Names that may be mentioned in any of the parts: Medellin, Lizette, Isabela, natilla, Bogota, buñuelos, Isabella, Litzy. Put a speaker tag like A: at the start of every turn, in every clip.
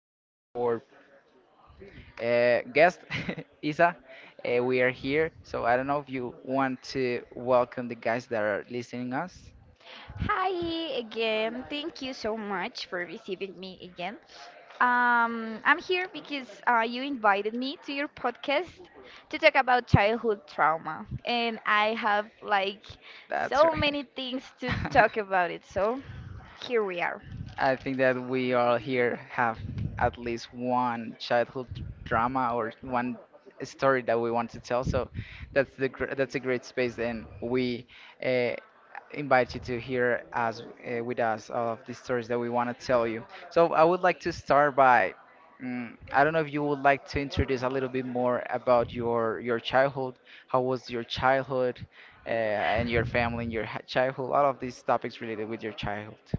A: with our guest, Isa. We are here, so I don't know if you want to welcome the guys that are listening us.
B: Hi again. Thank you so much for receiving me again. I'm here because you invited me to your podcast to talk about childhood trauma, and I have like
A: That's
B: so
A: right.
B: many things to talk about it. So here we are.
A: I think that we all here have at least one childhood drama or one story that we want to tell. So that's a great space, and we uh, invite you to hear us with us all of the stories that we want to tell you. So I would like to start by. I don't know if you would like to introduce a little bit more about your childhood. How was your childhood, and your family, and your childhood? All of these topics related with your childhood.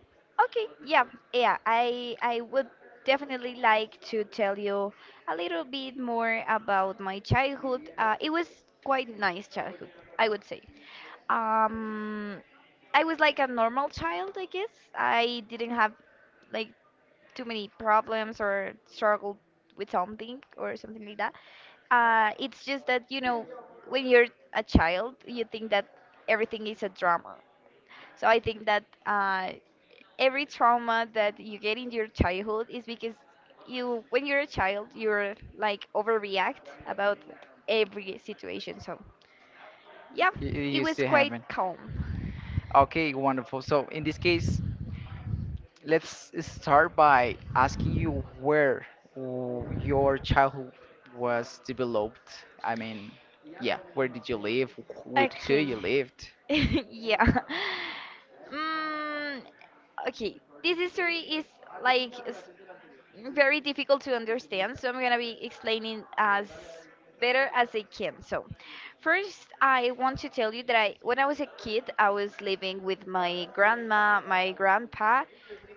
B: Okay, yeah, yeah. I would definitely like to tell you a little bit more about my childhood. It was quite nice childhood, I would say. Um, I was like a normal child, I guess. I didn't have like too many problems or struggled with something or something like that. It's just that, when you're a child, you think that everything is a drama. So I think that every trauma that you get in your childhood is because when you're a child, you're like overreact about every situation. So yeah,
A: You,
B: it
A: you
B: was
A: still
B: quite
A: haven't.
B: calm.
A: Okay, wonderful. So in this case, let's start by asking you where your childhood was developed. I mean, yeah, where did you live? With who
B: Okay.
A: you lived?
B: Yeah. Mm, okay. This history is like very difficult to understand, so I'm gonna be explaining as better as I can. So, first, I want to tell you that when I was a kid, I was living with my grandma, my grandpa,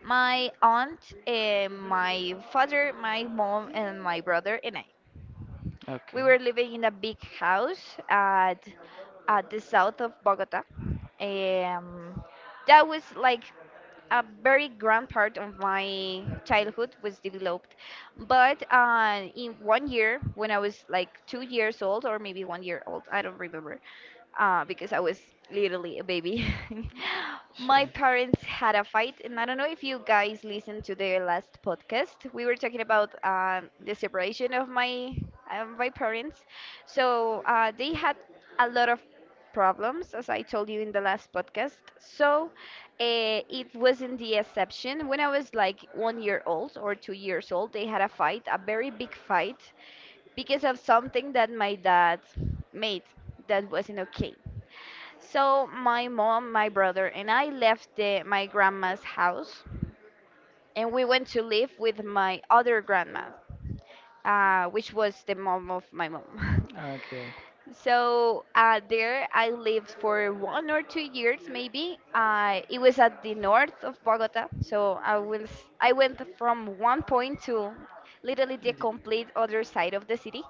B: my aunt, and my father, my mom, and my brother, and I.
A: Okay.
B: We were living in a big house at the south of Bogota. Um, that was like a very grand part of my childhood was developed. But in one year, when I was like 2 years old or maybe 1 year old, I don't remember, because I was literally a baby.
A: Sure.
B: My parents had a fight, and I don't know if you guys listened to their last podcast. We were talking about the separation of my parents. So they had a lot of problems, as I told you in the last podcast. So it wasn't the exception. When I was like 1 year old or 2 years old, they had a fight, a very big fight, because of something that my dad made that wasn't okay. So my mom, my brother, and I left my grandma's house, and we went to live with my other grandma, which was the mom of my mom.
A: Okay.
B: So there I lived for 1 or 2 years, maybe. It was at the north of Bogota, so I went from one point to literally the
A: You did-
B: complete other side of the city.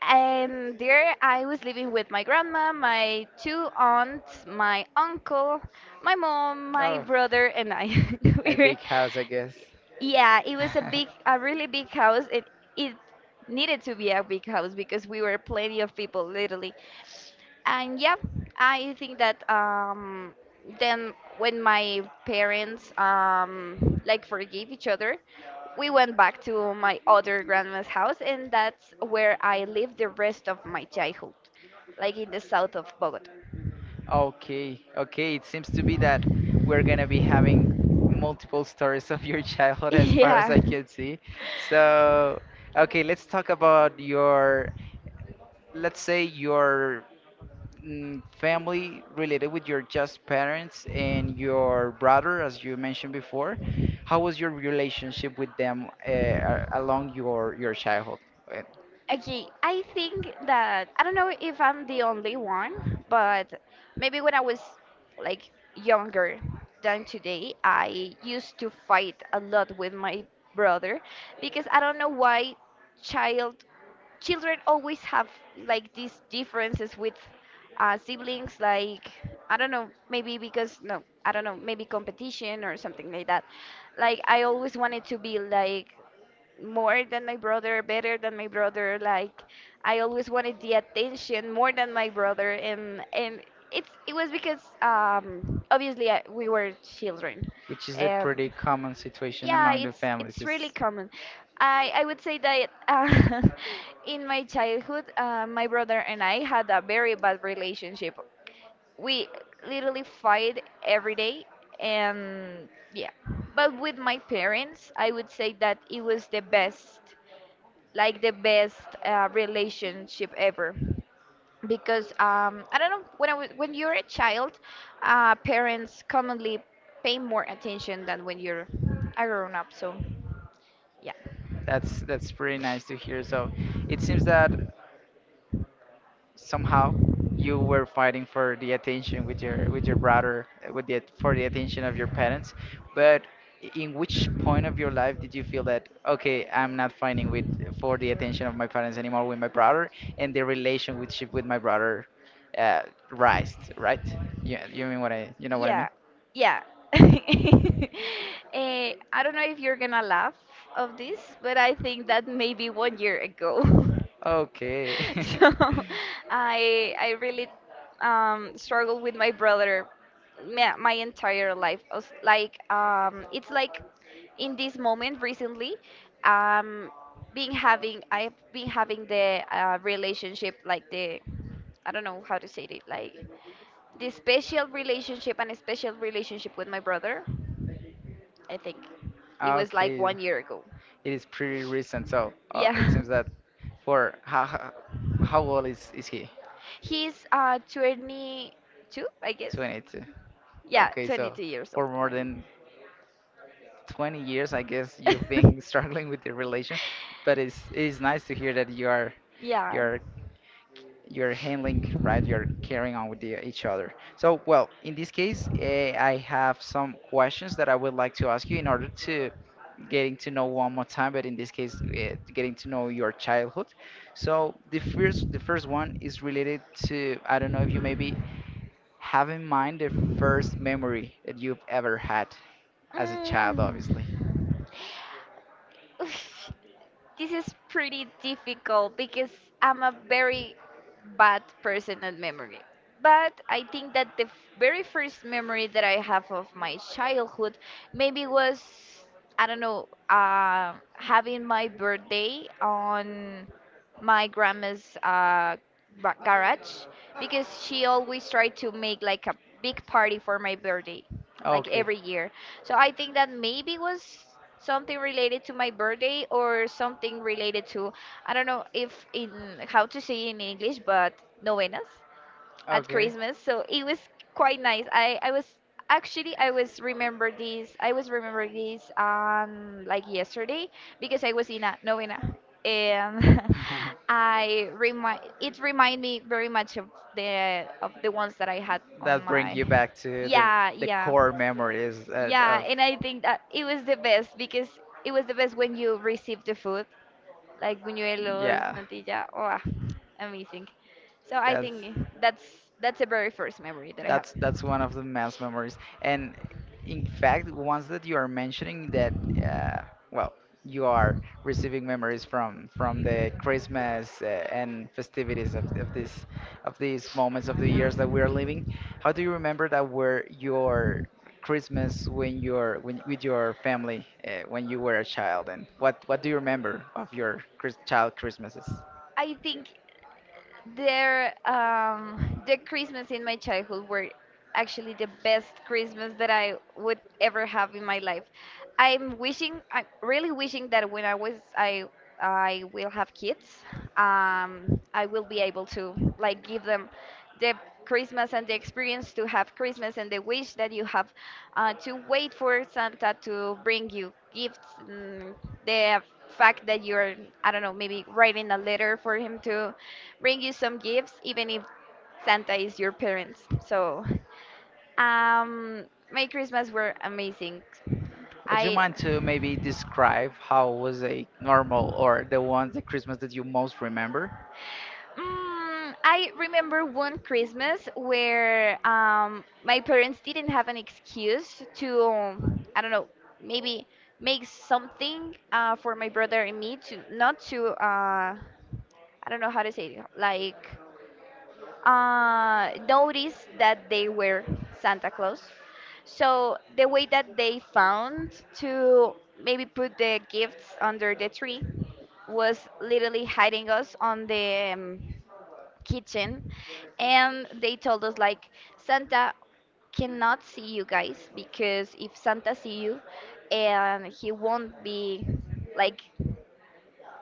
B: And there I was living with my grandma, my two aunts, my uncle, my mom, my
A: Oh,
B: brother, and I. we
A: a
B: were,
A: big house, I guess.
B: yeah, it was a big, a really big house. It needed to be a big house because we were plenty of people, literally. And yeah, I think that then when my parents like forgave each other, we went back to my other grandma's house, and that's where I lived the rest of my childhood, like in the south of Bogota.
A: Okay, okay. It seems to be that we're gonna be having multiple stories of your childhood as far as
B: Yeah.
A: I can see. So, okay, let's talk about your, let's say your family related with your just parents and your brother, as you mentioned before. How was your relationship with them along your childhood? Uh,
B: Okay, I think that I don't know if I'm the only one, but maybe when I was like younger than today, I used to fight a lot with my brother because I don't know why child children always have like these differences with siblings like I don't know, maybe because no, I don't know, maybe competition or something like that. Like I always wanted to be like more than my brother, better than my brother. Like I always wanted the attention more than my brother, and it was because obviously we were children.
A: Which is a
B: Um,
A: pretty common situation
B: yeah,
A: among the
B: it's
A: families.
B: it's really
A: It's
B: common. I would say that in my childhood, my brother and I had a very bad relationship. We literally fight every day, and yeah. But with my parents, I would say that it was the best like the best relationship ever because I don't know when you're a child, parents commonly pay more attention than when you're a grown up. So yeah.
A: that's pretty nice to hear. So it seems that somehow you were fighting for the attention with your brother, with the for the attention of your parents. But in which point of your life did you feel that okay, I'm not fighting with for the attention of my parents anymore with my brother, and the relationship with my brother uh, rised, right? Yeah, you mean what I you know what I
B: Yeah,
A: mean?
B: yeah. I don't know if you're gonna laugh of this, but I think that maybe 1 year ago.
A: Okay.
B: So I really struggled with my brother my entire life. I was Like it's like in this moment recently, um, being having I've been having the relationship like the I don't know how to say it like this special relationship with my brother. I think it was like
A: Okay,
B: 1 year ago.
A: it is pretty recent, so it
B: Yeah.
A: seems that for how old is he?
B: He's 22, I guess.
A: 22.
B: Yeah,
A: Okay, so
B: 22 years old,
A: for more
B: right.
A: than 20 years, I guess you've been struggling with your relation, but it's nice to hear that
B: Yeah.
A: you're you're handling right, you're carrying on with the, each other. So, well, in this case, eh, I have some questions that I would like to ask you in order to getting to know one more time, but in this case, eh, getting to know your childhood. So, the first one is related to I don't know if you maybe have in mind the first memory that you've ever had as a child,
B: Mm.
A: obviously.
B: Oof. This is pretty difficult because I'm a very bad person at memory. But I think that the very first memory that I have of my childhood maybe was, I don't know, having my birthday on my grandma's garage because she always tried to make like a big party for my birthday, like
A: Okay.
B: every year. So I think that maybe was something related to my birthday or something related to I don't know if in how to say in English, but novenas at
A: Okay.
B: Christmas. So it was quite nice. I was remember this like yesterday because I was in a novena and I remind it remind me very much of the ones that I had on
A: That brings
B: my.
A: you back to
B: Yeah,
A: the
B: yeah,
A: core memories at,
B: yeah.
A: of
B: And I think that it was the best because it was the best when you received the food like buñuelos,
A: yeah,
B: natilla. Oh, amazing. So I
A: that's
B: think that's the very first memory that I have.
A: that's one of the mass memories. And in fact, ones that you are mentioning that uh, well, you are receiving memories from the Christmas and festivities of this of these moments of the years that we are living. How do you remember that were your Christmas when you're when, with your family when you were a child, and what do you remember of your Chris, child Christmases?
B: I think there, the Christmas in my childhood were actually the best Christmas that I would ever have in my life. I'm really wishing that when I was, I will have kids. I will be able to like give them the Christmas and the experience to have Christmas and the wish that you have to wait for Santa to bring you gifts. The fact that I don't know, maybe writing a letter for him to bring you some gifts, even if Santa is your parents. So, um, my Christmas were amazing.
A: Would you
B: I
A: mind to maybe describe how was a normal or the Christmas that you most remember?
B: I remember one Christmas where my parents didn't have an excuse to I don't know, maybe make something for my brother and me to not to I don't know how to say it, like noticed that they were Santa Claus. So the way that they found to maybe put the gifts under the tree was literally hiding us on the kitchen, and they told us like Santa cannot see you guys because if Santa see you, and he won't be like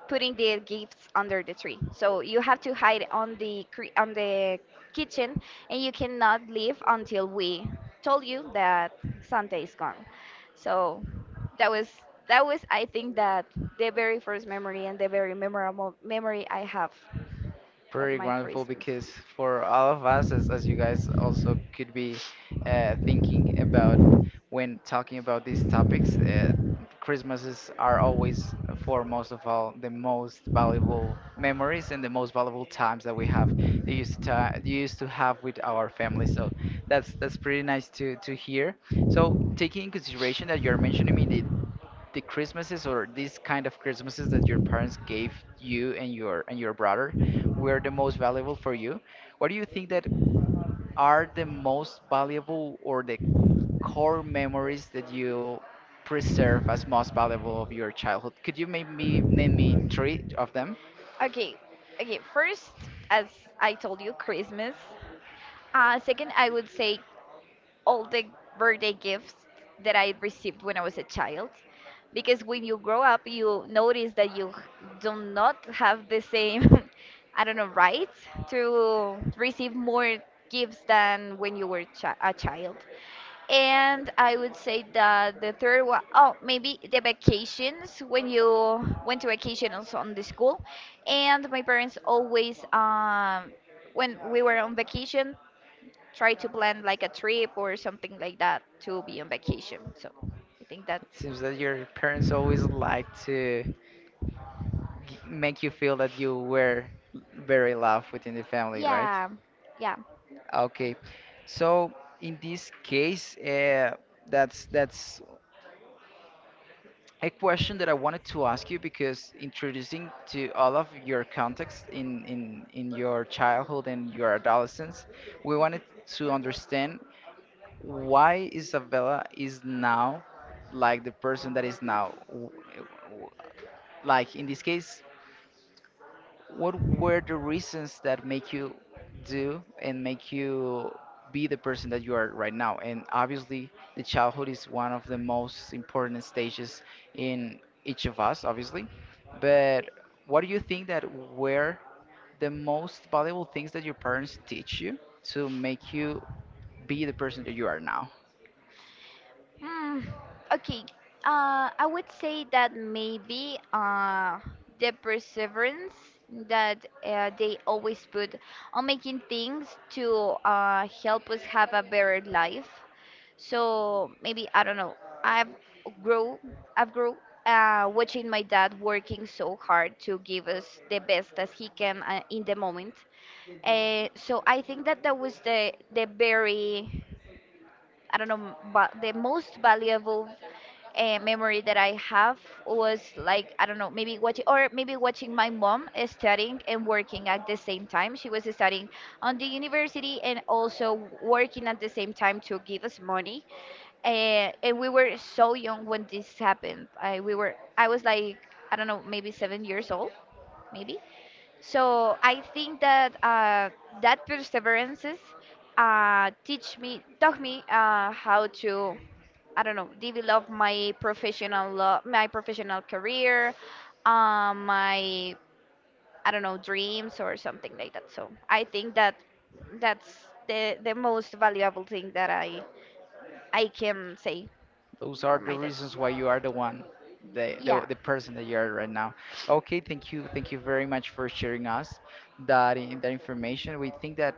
B: putting the gifts under the tree. So you have to hide on the kitchen, and you cannot leave until we told you that Santa is gone. So that was that was I think that the very first memory and the very memorable memory I have of
A: Pretty
B: my
A: wonderful
B: Christmas.
A: because for all of us, as you guys also could be thinking about when talking about these topics, Christmases are always for most of all the most valuable memories and the most valuable times that we have they used to ti- used to have with our family. So that's pretty nice to hear. So taking in consideration that you're mentioning me the Christmases or these kind of Christmases that your parents gave you and your brother were the most valuable for you. What do you think that w- are the most valuable or the core memories that you preserve as most valuable of your childhood? Could you maybe me name me three of them?
B: Okay, okay. First, as I told you, Christmas. Second, I would say all the birthday gifts that I received when I was a child, because when you grow up, you notice that you do not have the same, I don't know, right to receive more gifts than when you were a child. And I would say that the third one, oh, maybe the vacations when you went to vacation also on the school. And my parents always, when we were on vacation, try to plan like a trip or something like that to be on vacation. So I think that,
A: It seems that your parents always like to make you feel that you were very loved within the family, right?
B: yeah, yeah.
A: Okay. So in this case, that's a question that I wanted to ask you because introducing to all of your context in in your childhood and your adolescence, we wanted to understand why Isabella is now like the person that is now. W- Like in this case, what were the reasons that make you do and make you be the person that you are right now? And obviously the childhood is one of the most important stages in each of us, obviously, but what do you think that were the most valuable things that your parents teach you to make you be the person that you are now?
B: Hmm. Okay. I would say that maybe the perseverance that they always put on making things to help us have a better life. So maybe I don't know. I've grow. I've grow. Watching my dad working so hard to give us the best as he can in the moment. So I think that that was the very I don't know, but the most valuable memory that I have was like I don't know, maybe watching or maybe watching my mom studying and working at the same time. She was studying on the university and also working at the same time to give us money. And we were so young when this happened. I we were I was like I don't know, maybe 7 years old, maybe. So I think that that perseverances teach me taught me how to I don't know, develop my professional career, my I don't know dreams or something like that. So I think that that's the most valuable thing that I can say
A: Those
B: for
A: are the
B: my dads.
A: reasons why you are the one,
B: Yeah.
A: the person that you are right now. Okay, thank you. Thank you very much for sharing us that, in, that information. We think that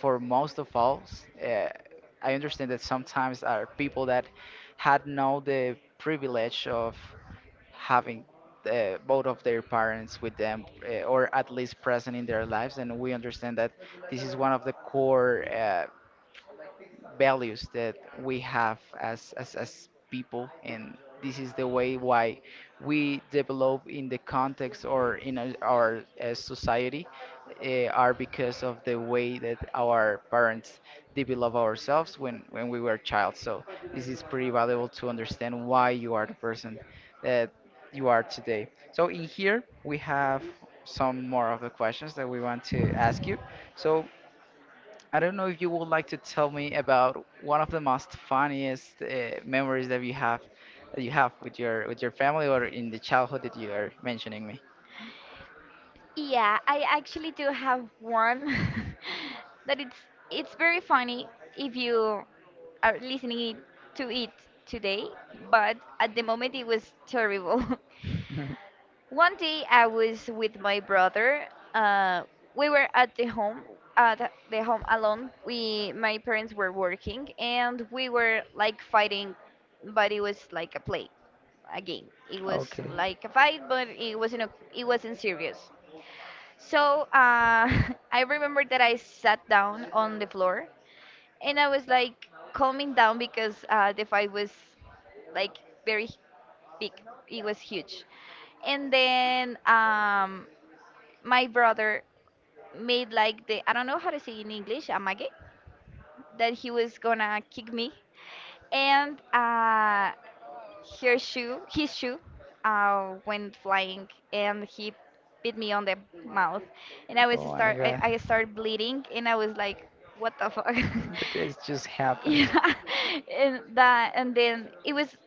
A: for most of us, I understand that sometimes are people that had no the privilege of having both of their parents with them or at least present in their lives, and we understand that this is one of the core values that we have as people, and this is the way why we develop in the context or in our society are because of the way that our parents develop ourselves when we were a child. So this is pretty valuable to understand why you are the person that you are today. So in here we have some more of the questions that we want to ask you. So I don't know if you would like to tell me about one of the most funniest memories that you have with your family or in the childhood that you are mentioning me.
B: Yeah, I actually do have one that it's very funny if you are listening to it today, but at the moment it was terrible. One day I was with my brother. Uh, we were at the home alone. We, my parents were working, and we were like fighting, but it was like a play, a game. It was
A: Okay.
B: like a fight, but it wasn't a, it wasn't serious. So I remember that I sat down on the floor and I was like calming down because the fight was like very big. It was huge. And then my brother made like the I don't know how to say in English, amage, that he was gonna kick me, and her shoe, his shoe, went flying, and he bit me on the mouth, and I was
A: Oh my
B: start I,
A: God.
B: I started bleeding, and I was like, what the fuck,
A: But it's just happened.
B: yeah and then it was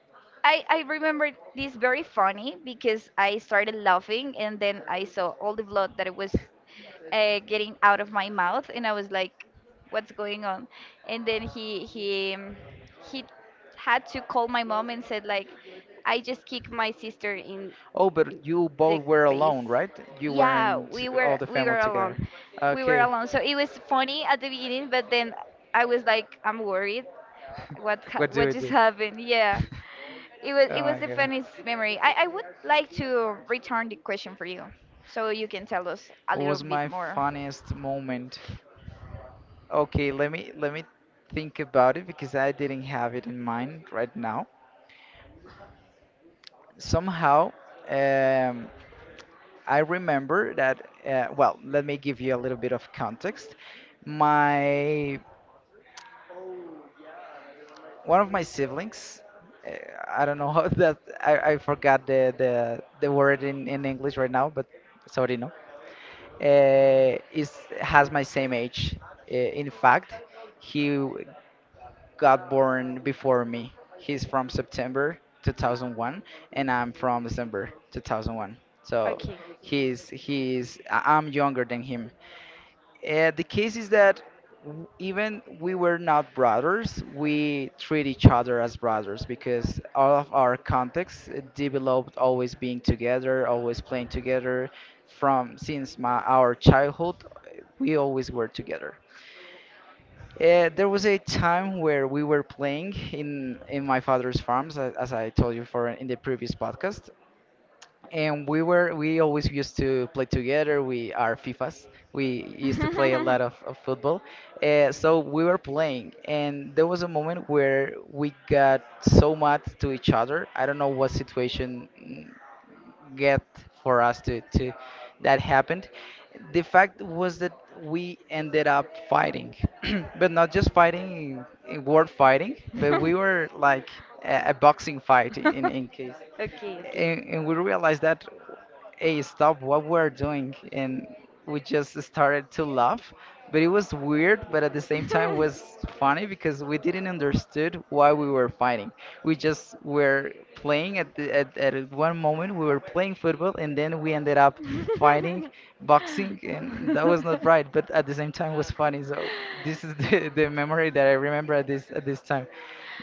B: I remember this very funny because I started laughing and then I saw all the blood that it was getting out of my mouth and I was like what's going on. And then he had to call my mom and said like I just kicked my sister in
A: Oh, but you
B: the
A: both were
B: face.
A: alone, right? You
B: Yeah,
A: weren't
B: we
A: all
B: were
A: the
B: we
A: family
B: were alone,
A: together.
B: we were
A: Okay.
B: alone, so it was funny at the beginning, but then I was like I'm worried
A: What do
B: what
A: we
B: just
A: do?
B: happened. Yeah, it was
A: Oh
B: it was
A: my
B: the
A: God.
B: funniest memory. I would like to return the question for you, so you can tell us a
A: What
B: little
A: was
B: bit
A: my
B: more.
A: funniest moment? Okay, let me think about it because I didn't have it in mind right now. Somehow, um, I remember that. Well, let me give you a little bit of context. My One of my siblings. Uh, I don't know how that I forgot the, the word in English right now, but sorry no. Is has my same age. In fact, he got born before me. He's from September 2001 and I'm from December 2001. So
B: Okay.
A: I'm younger than him. The case is that even we were not brothers, we treat each other as brothers because all of our contexts developed always being together, always playing together. From since my our childhood, we always were together. There was a time where we were playing in my father's farms, as I told you for in the previous podcast, and we always used to play together. We are FIFAs. We used to play a lot of football, so we were playing, and there was a moment where we got so mad to each other. I don't know what situation get for us to that happened. The fact was that we ended up fighting, but not just fighting, word fighting, but we were like a boxing fight in case.
B: Okay, okay.
A: And we realized that hey, stop what we're doing, and we just started to laugh. But it was weird, but at the same time was funny, because we didn't understood why we were fighting. We just were playing at at one moment we were playing football, and then we ended up fighting boxing, and that was not right, but at the same time was funny. So this is the, the memory that I remember at this time.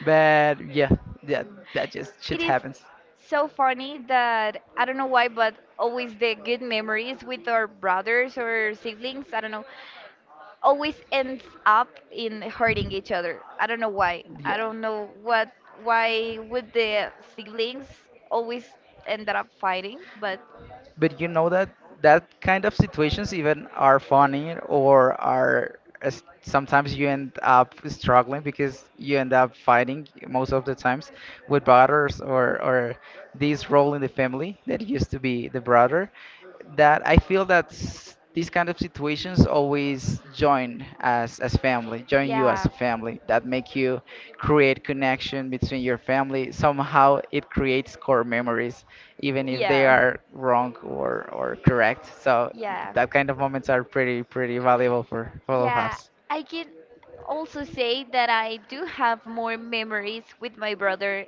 A: But yeah, yeah, that just shit
B: It is
A: happens.
B: so funny that I don't know why, but always the good memories with our brothers or siblings, I don't know, always ends up in hurting each other. I don't know why. I
A: Yeah.
B: don't know what why would the siblings always end up fighting, but
A: But you know that that kind of situations even are funny or are sometimes you end up struggling because you end up fighting most of the times with brothers or this role in the family that used to be the brother, that I feel that these kind of situations always join as family, join you as
B: yeah.
A: a family. That make you create connection between your family. Somehow it creates core memories, even if they
B: Yeah.
A: are wrong or correct. So
B: Yeah.
A: that kind of moments are pretty pretty valuable for all of
B: Yeah,
A: us.
B: I can also say that I do have more memories with my brother,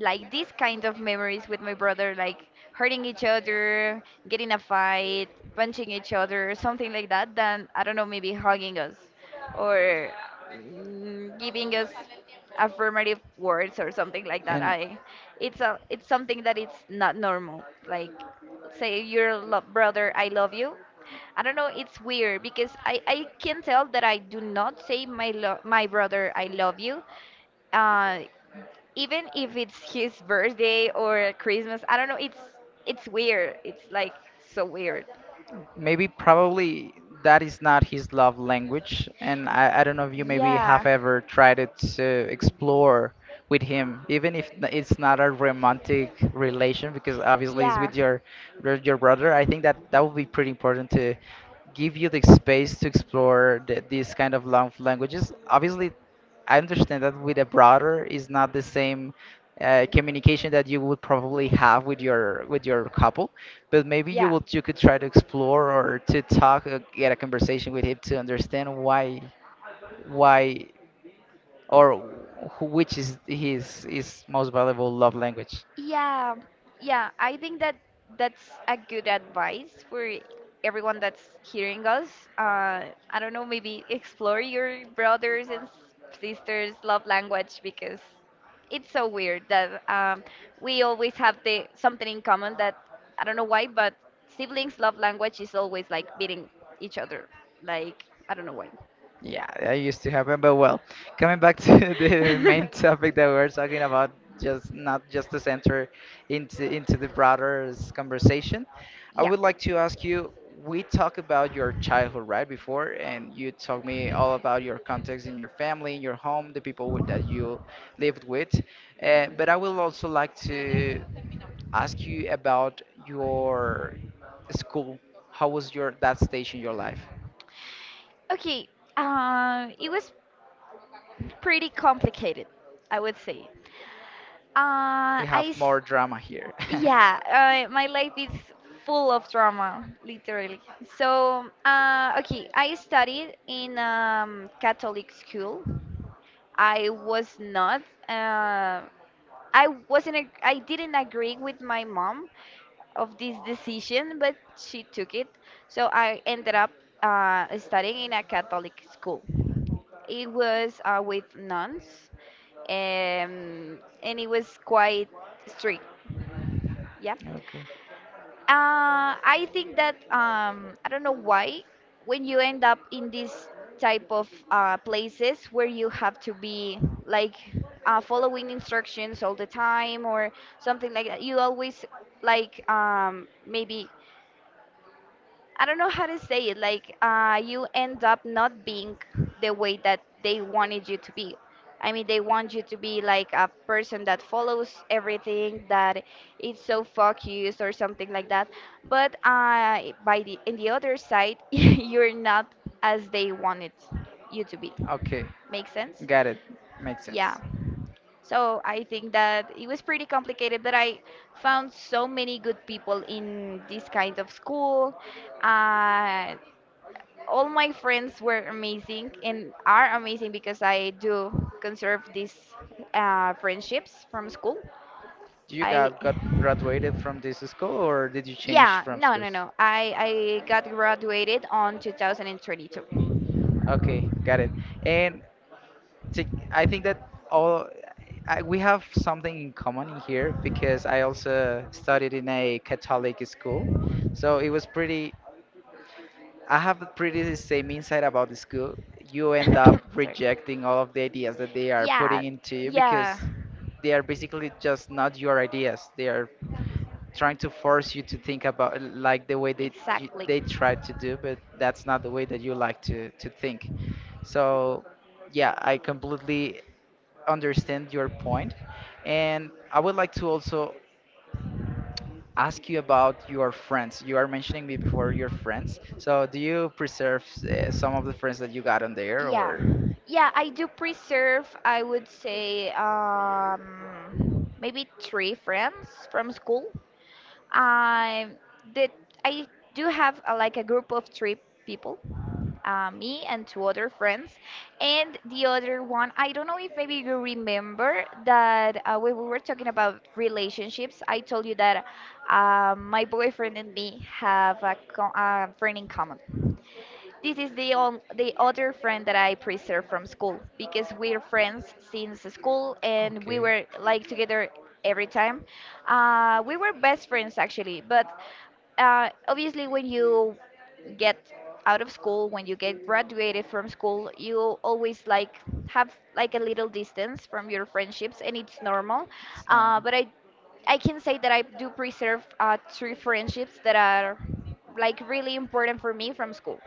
B: like these kind of memories with my brother, like hurting each other, getting a fight, punching each other, something like that, than, I don't know, maybe hugging us or giving us affirmative words or something like that. I, it's a, it's something that it's not normal. Like, say your lo- brother, I love you. I don't know, it's weird because I can tell that I do not say my lo- my brother I love you. Uh, even if it's his birthday or Christmas, I don't know, it's weird. It's like so weird.
A: Maybe probably that is not his love language. And I don't know if you maybe have
B: Yeah.
A: ever tried it to explore with him, even if it's not a romantic relation, because obviously it's
B: Yeah.
A: with your your brother. I think that that would be pretty important to give you the space to explore these kind of love languages. Obviously, I understand that with a brother is not the same communication that you would probably have with your couple, but maybe you
B: Yeah.
A: would you could try to explore or to talk, get a conversation with him to understand why, why or which is his most valuable love language.
B: Yeah, yeah, I think that that's a good advice for everyone that's hearing us. I don't know, maybe explore your brothers and s- sisters' love language because it's so weird that we always have the something in common that I don't know why, but siblings' love language is always like beating each other. Like I don't know why.
A: Yeah, that used to happen, but well, coming back to the main topic that we were talking about, just not just to center into the broader conversation, I
B: Yeah.
A: would like to ask you. We talked about your childhood right before, and you told me all about your context in your family, in your home, that you lived with. But I would also like to ask you about your school. How was your that stage in your life?
B: Okay. It was pretty complicated, I would say. Uh,
A: We
B: I
A: have
B: s-
A: more drama here.
B: yeah, my life is full of drama, literally. So, okay, I studied in Catholic school I was not. Uh, I wasn't. I didn't agree with my mom of this decision, but she took it. So I ended up studying in a Catholic school. It was with nuns, and it was quite strict. Yeah.
A: Okay.
B: I think that I don't know why when you end up in this type of places where you have to be like following instructions all the time or something like that, you always like maybe I don't know how to say it. Like you end up not being the way that they wanted you to be. I mean, they want you to be like a person that follows everything, that is so focused or something like that. But by the in the other side, you're not as they wanted you to be.
A: Okay.
B: Make sense?
A: Got it. Makes sense.
B: Yeah. So I think that it was pretty complicated, but I found so many good people in this kind of school. Uh, all my friends were amazing and are amazing because I do conserve these friendships from school.
A: You
B: I,
A: got graduated from this school, or did you change
B: yeah,
A: from
B: no, no,
A: schools?
B: no. I got graduated on 2022.
A: Okay, got it. And, to, I think that all we have something in common in here, because I also studied in a Catholic school. So it was pretty, I have the pretty the same insight about the school. You end up
B: Sorry.
A: rejecting all of the ideas that they are
B: Yeah,
A: putting into you,
B: yeah.
A: because they are basically just not your ideas. They are trying to force you to think about like the way they,
B: Exactly.
A: they try to do, but that's not the way that you like to think. So, yeah, I completely understand your point, and I would like to also ask you about your friends. You are mentioning me before your friends. So, do you preserve, some of the friends that you got on there,
B: Yeah,
A: or
B: yeah, I do preserve, I would say, maybe three friends from school. I did, I do have a, like a group of three people me and two other friends. And the other one, I don't know if maybe you remember that when we were talking about relationships, I told you that my boyfriend and me have a, co- a friend in common. This is the on- the other friend that I preserve from school because we're friends since school and we
A: Okay.
B: were like together every time. We were best friends actually, but obviously when you get out of school when you get graduated from school you always like have like a little distance from your friendships and it's normal, uh,
A: No.
B: but i I can say that I do preserve three friendships that are like really important for me from school.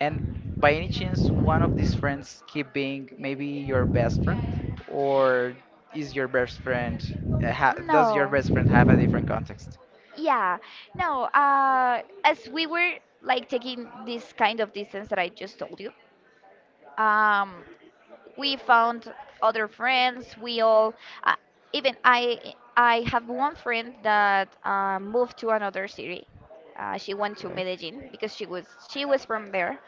A: And by any chance, one of these friends keep being maybe your best friend, or is your best friend, ha does your
B: No,
A: best friend have a different context?
B: yeah, no, as we were like taking this kind of distance that I just told you, um, we found other friends. We all, uh, even I have one friend that moved to another city. She went to
A: Okay.
B: Medellin because she was from there,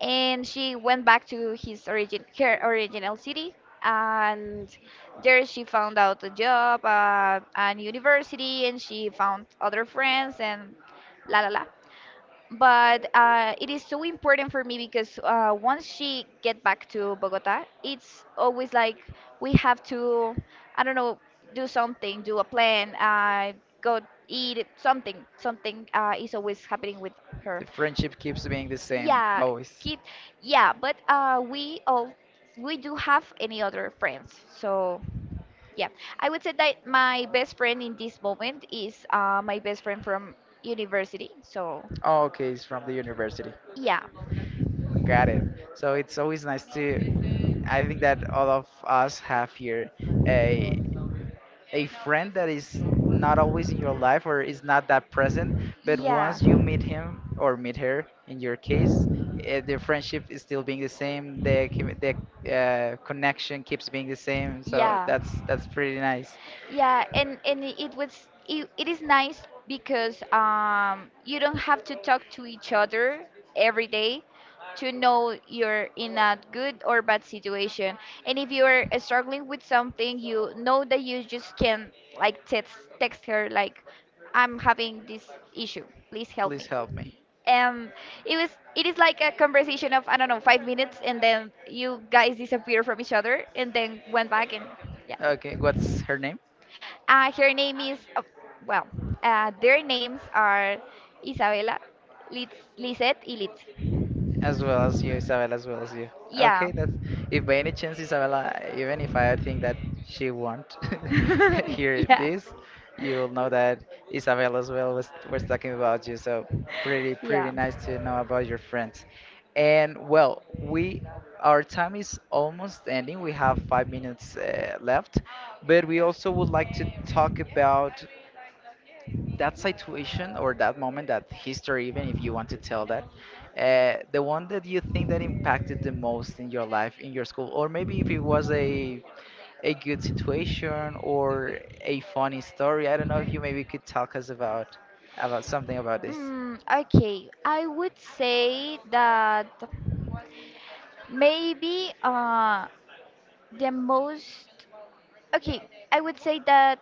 B: and she went back to his origin her original city, and there she found out a job at university, and she found other friends and la la la, but it is so important for me because once she get back to Bogota, it's always like we have to, I don't know, do something, do a plan, go eat something. Something is always happening with
A: The
B: her.
A: friendship keeps being the same
B: Yeah,
A: always.
B: kid. Yeah, but we all we do have any other friends. So yeah, I would say that my best friend in this moment is my best friend from university. So
A: Oh, okay, it's from the university.
B: yeah.
A: Got it. So it's always nice to. I think that all of us have here a. A friend that is not always in your life, or is not that present, but
B: Yeah.
A: once you meet him or meet her, in your case, the friendship is still being the same. The connection keeps being the same. So
B: Yeah.
A: that's pretty nice.
B: Yeah, it was it is nice because you don't have to talk to each other every day to know you're in a good or bad situation. And if you are struggling with something, you know that you just can like text her like I'm having this issue. Please help
A: Please
B: me.
A: help me.
B: um it was it is like a conversation of I don't know 5 minutes and then you guys disappear from each other and then went back and yeah.
A: Okay, what's her name?
B: Her name is oh, well, their names are Isabela, Liz- Lizette and Litzy.
A: As well as you, Isabel, as well as you.
B: Yeah.
A: Okay, that's if by any chance, Isabella, even if I think that she won't hear
B: Yeah.
A: this, you'll know that Isabel as well was talking about you. So pretty,
B: Yeah.
A: pretty nice to know about your friends. And well, we our time is almost ending. We have five minutes left, but we also would like to talk about that situation or that moment, that history, even if you want to tell that, the one that you think that impacted the most in your life, in your school, or maybe if it was a good situation or a funny story. I don't know if you maybe could talk us about something about this.
B: Okay I would say that maybe the most okay, I would say that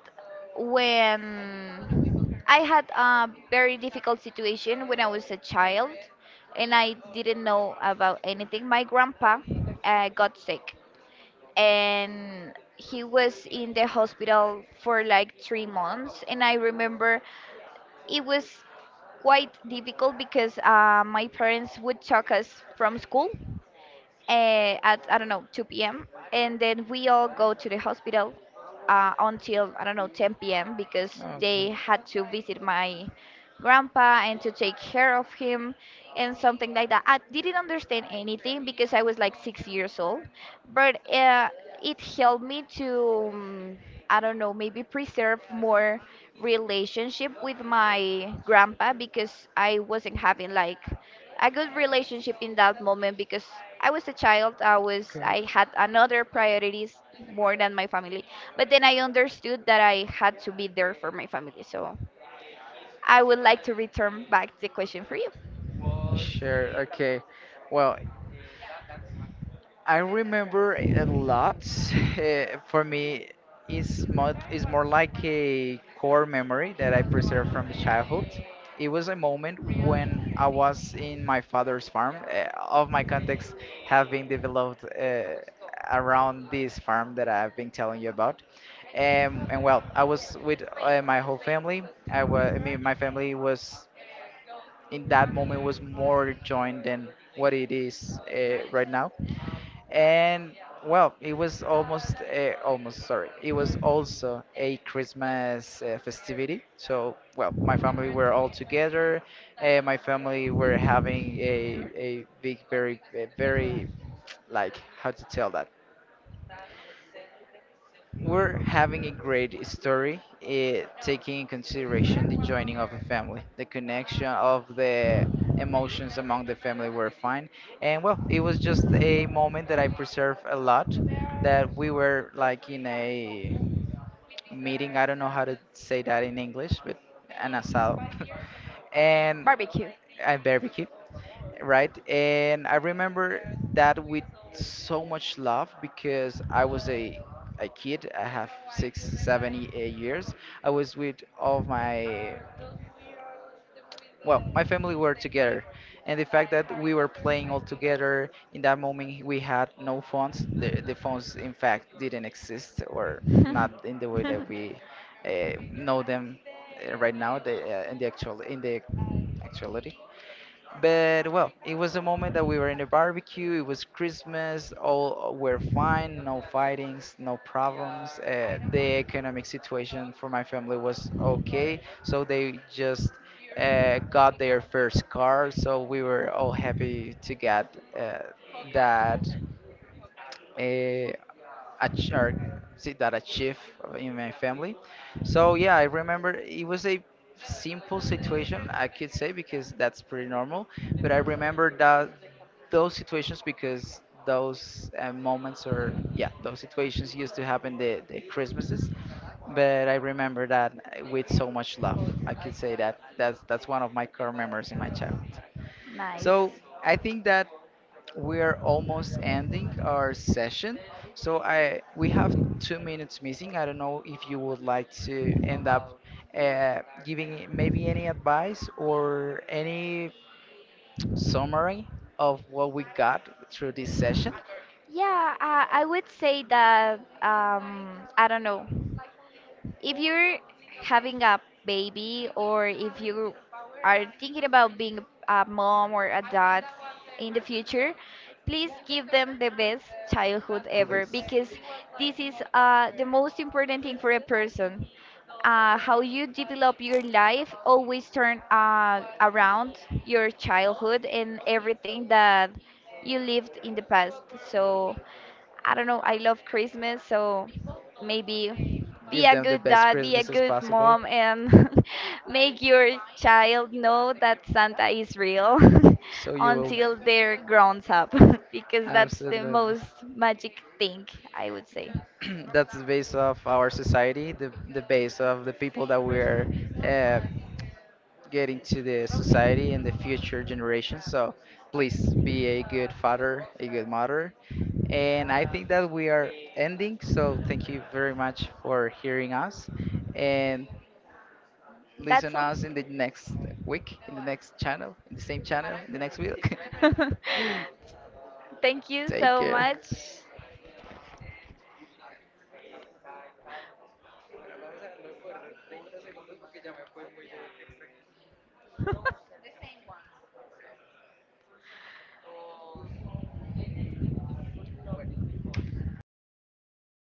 B: when I had a very difficult situation when I was a child and I didn't know about anything, my grandpa got sick and he was in the hospital for like 3 months. And I remember it was quite difficult because my parents would talk us from school at I don't know 2 p.m. and then we all go to the hospital until I don't know 10 p.m. because
A: Okay.
B: they had to visit my grandpa and to take care of him and something like that. I didn't understand anything because I was like 6 years old, but it helped me to um, I don't know maybe preserve more relationship with my grandpa because I wasn't having like a good relationship in that moment because I was a child. I was
A: Okay.
B: I had another priorities more than my family. But then I understood that I had to be there for my family. So I would like to return back the question for you.
A: Sure, okay. Well, I remember a lot. For me, it's more like a core memory that I preserve from the childhood. It was a moment when I was in my father's farm. All of my contacts have been developed around this farm that I've been telling you about. And well, I was with, my whole family. I was, I mean, my family was in that moment was more joined than what it is right now. And well, it was almost, it was also a Christmas festivity. So well, my family were all together. My family were having a very, like how to tell that, we're having a great story, taking in consideration the joining of the family, the connection of the emotions among the family were fine. And well, it was just a moment that I preserve a lot, that we were like in a meeting. I don't know how to say that in English, but an asado. And
B: Barbecue.
A: a barbecue, right? And I remember that with so much love, because I was a kid. I have six, seven years. I was with all of my, well, my family were together, and the fact that we were playing all together in that moment, we had no phones. The phones, in fact, didn't exist, or not in the way that we, know them, right now. The in the actual in the actuality, but well, it was a moment that we were in the barbecue. It was Christmas. All were fine. No fightings. No problems. The economic situation for my family was okay, so they just got their first car. So we were all happy to get, that uh, ach- or see that achieve in my family. So yeah, I remember it was a simple situation, I could say, because that's pretty normal. But I remember that those situations, because those, those situations used to happen the Christmases. But I remember that with so much love. I could say that that's one of my core memories in my childhood. So
B: Nice.
A: I think that we're almost ending our session. So I We have two minutes missing. I don't know if you would like to end up, giving maybe any advice or any summary of what we got through this session.
B: Yeah, I would say that I don't know. If you're having a baby or if you are thinking about being a mom or a dad in the future, please give them the best childhood ever
A: Please
B: because this is the most important thing for a person. How you develop your life always turn around your childhood and everything that you lived in the past. So I don't know, I love Christmas, so maybe be
A: give
B: a
A: them the
B: good
A: best
B: dad, be a
A: Christmas as
B: good
A: possible.
B: mom, and make your child know that Santa is real
A: So you will
B: until they're grown up, because that's the
A: Absolutely.
B: most magic thing, I would say.
A: That's the base of our society, the base of the people that we're, uh, get into the society and the future generations. So please be a good father, a good mother. And I think that we are ending. So thank you very much for hearing us and
B: That's
A: listen
B: all.
A: us in the next week, in the next channel, in the same channel, in the next week.
B: Thank you
A: Take
B: so
A: care.
B: much.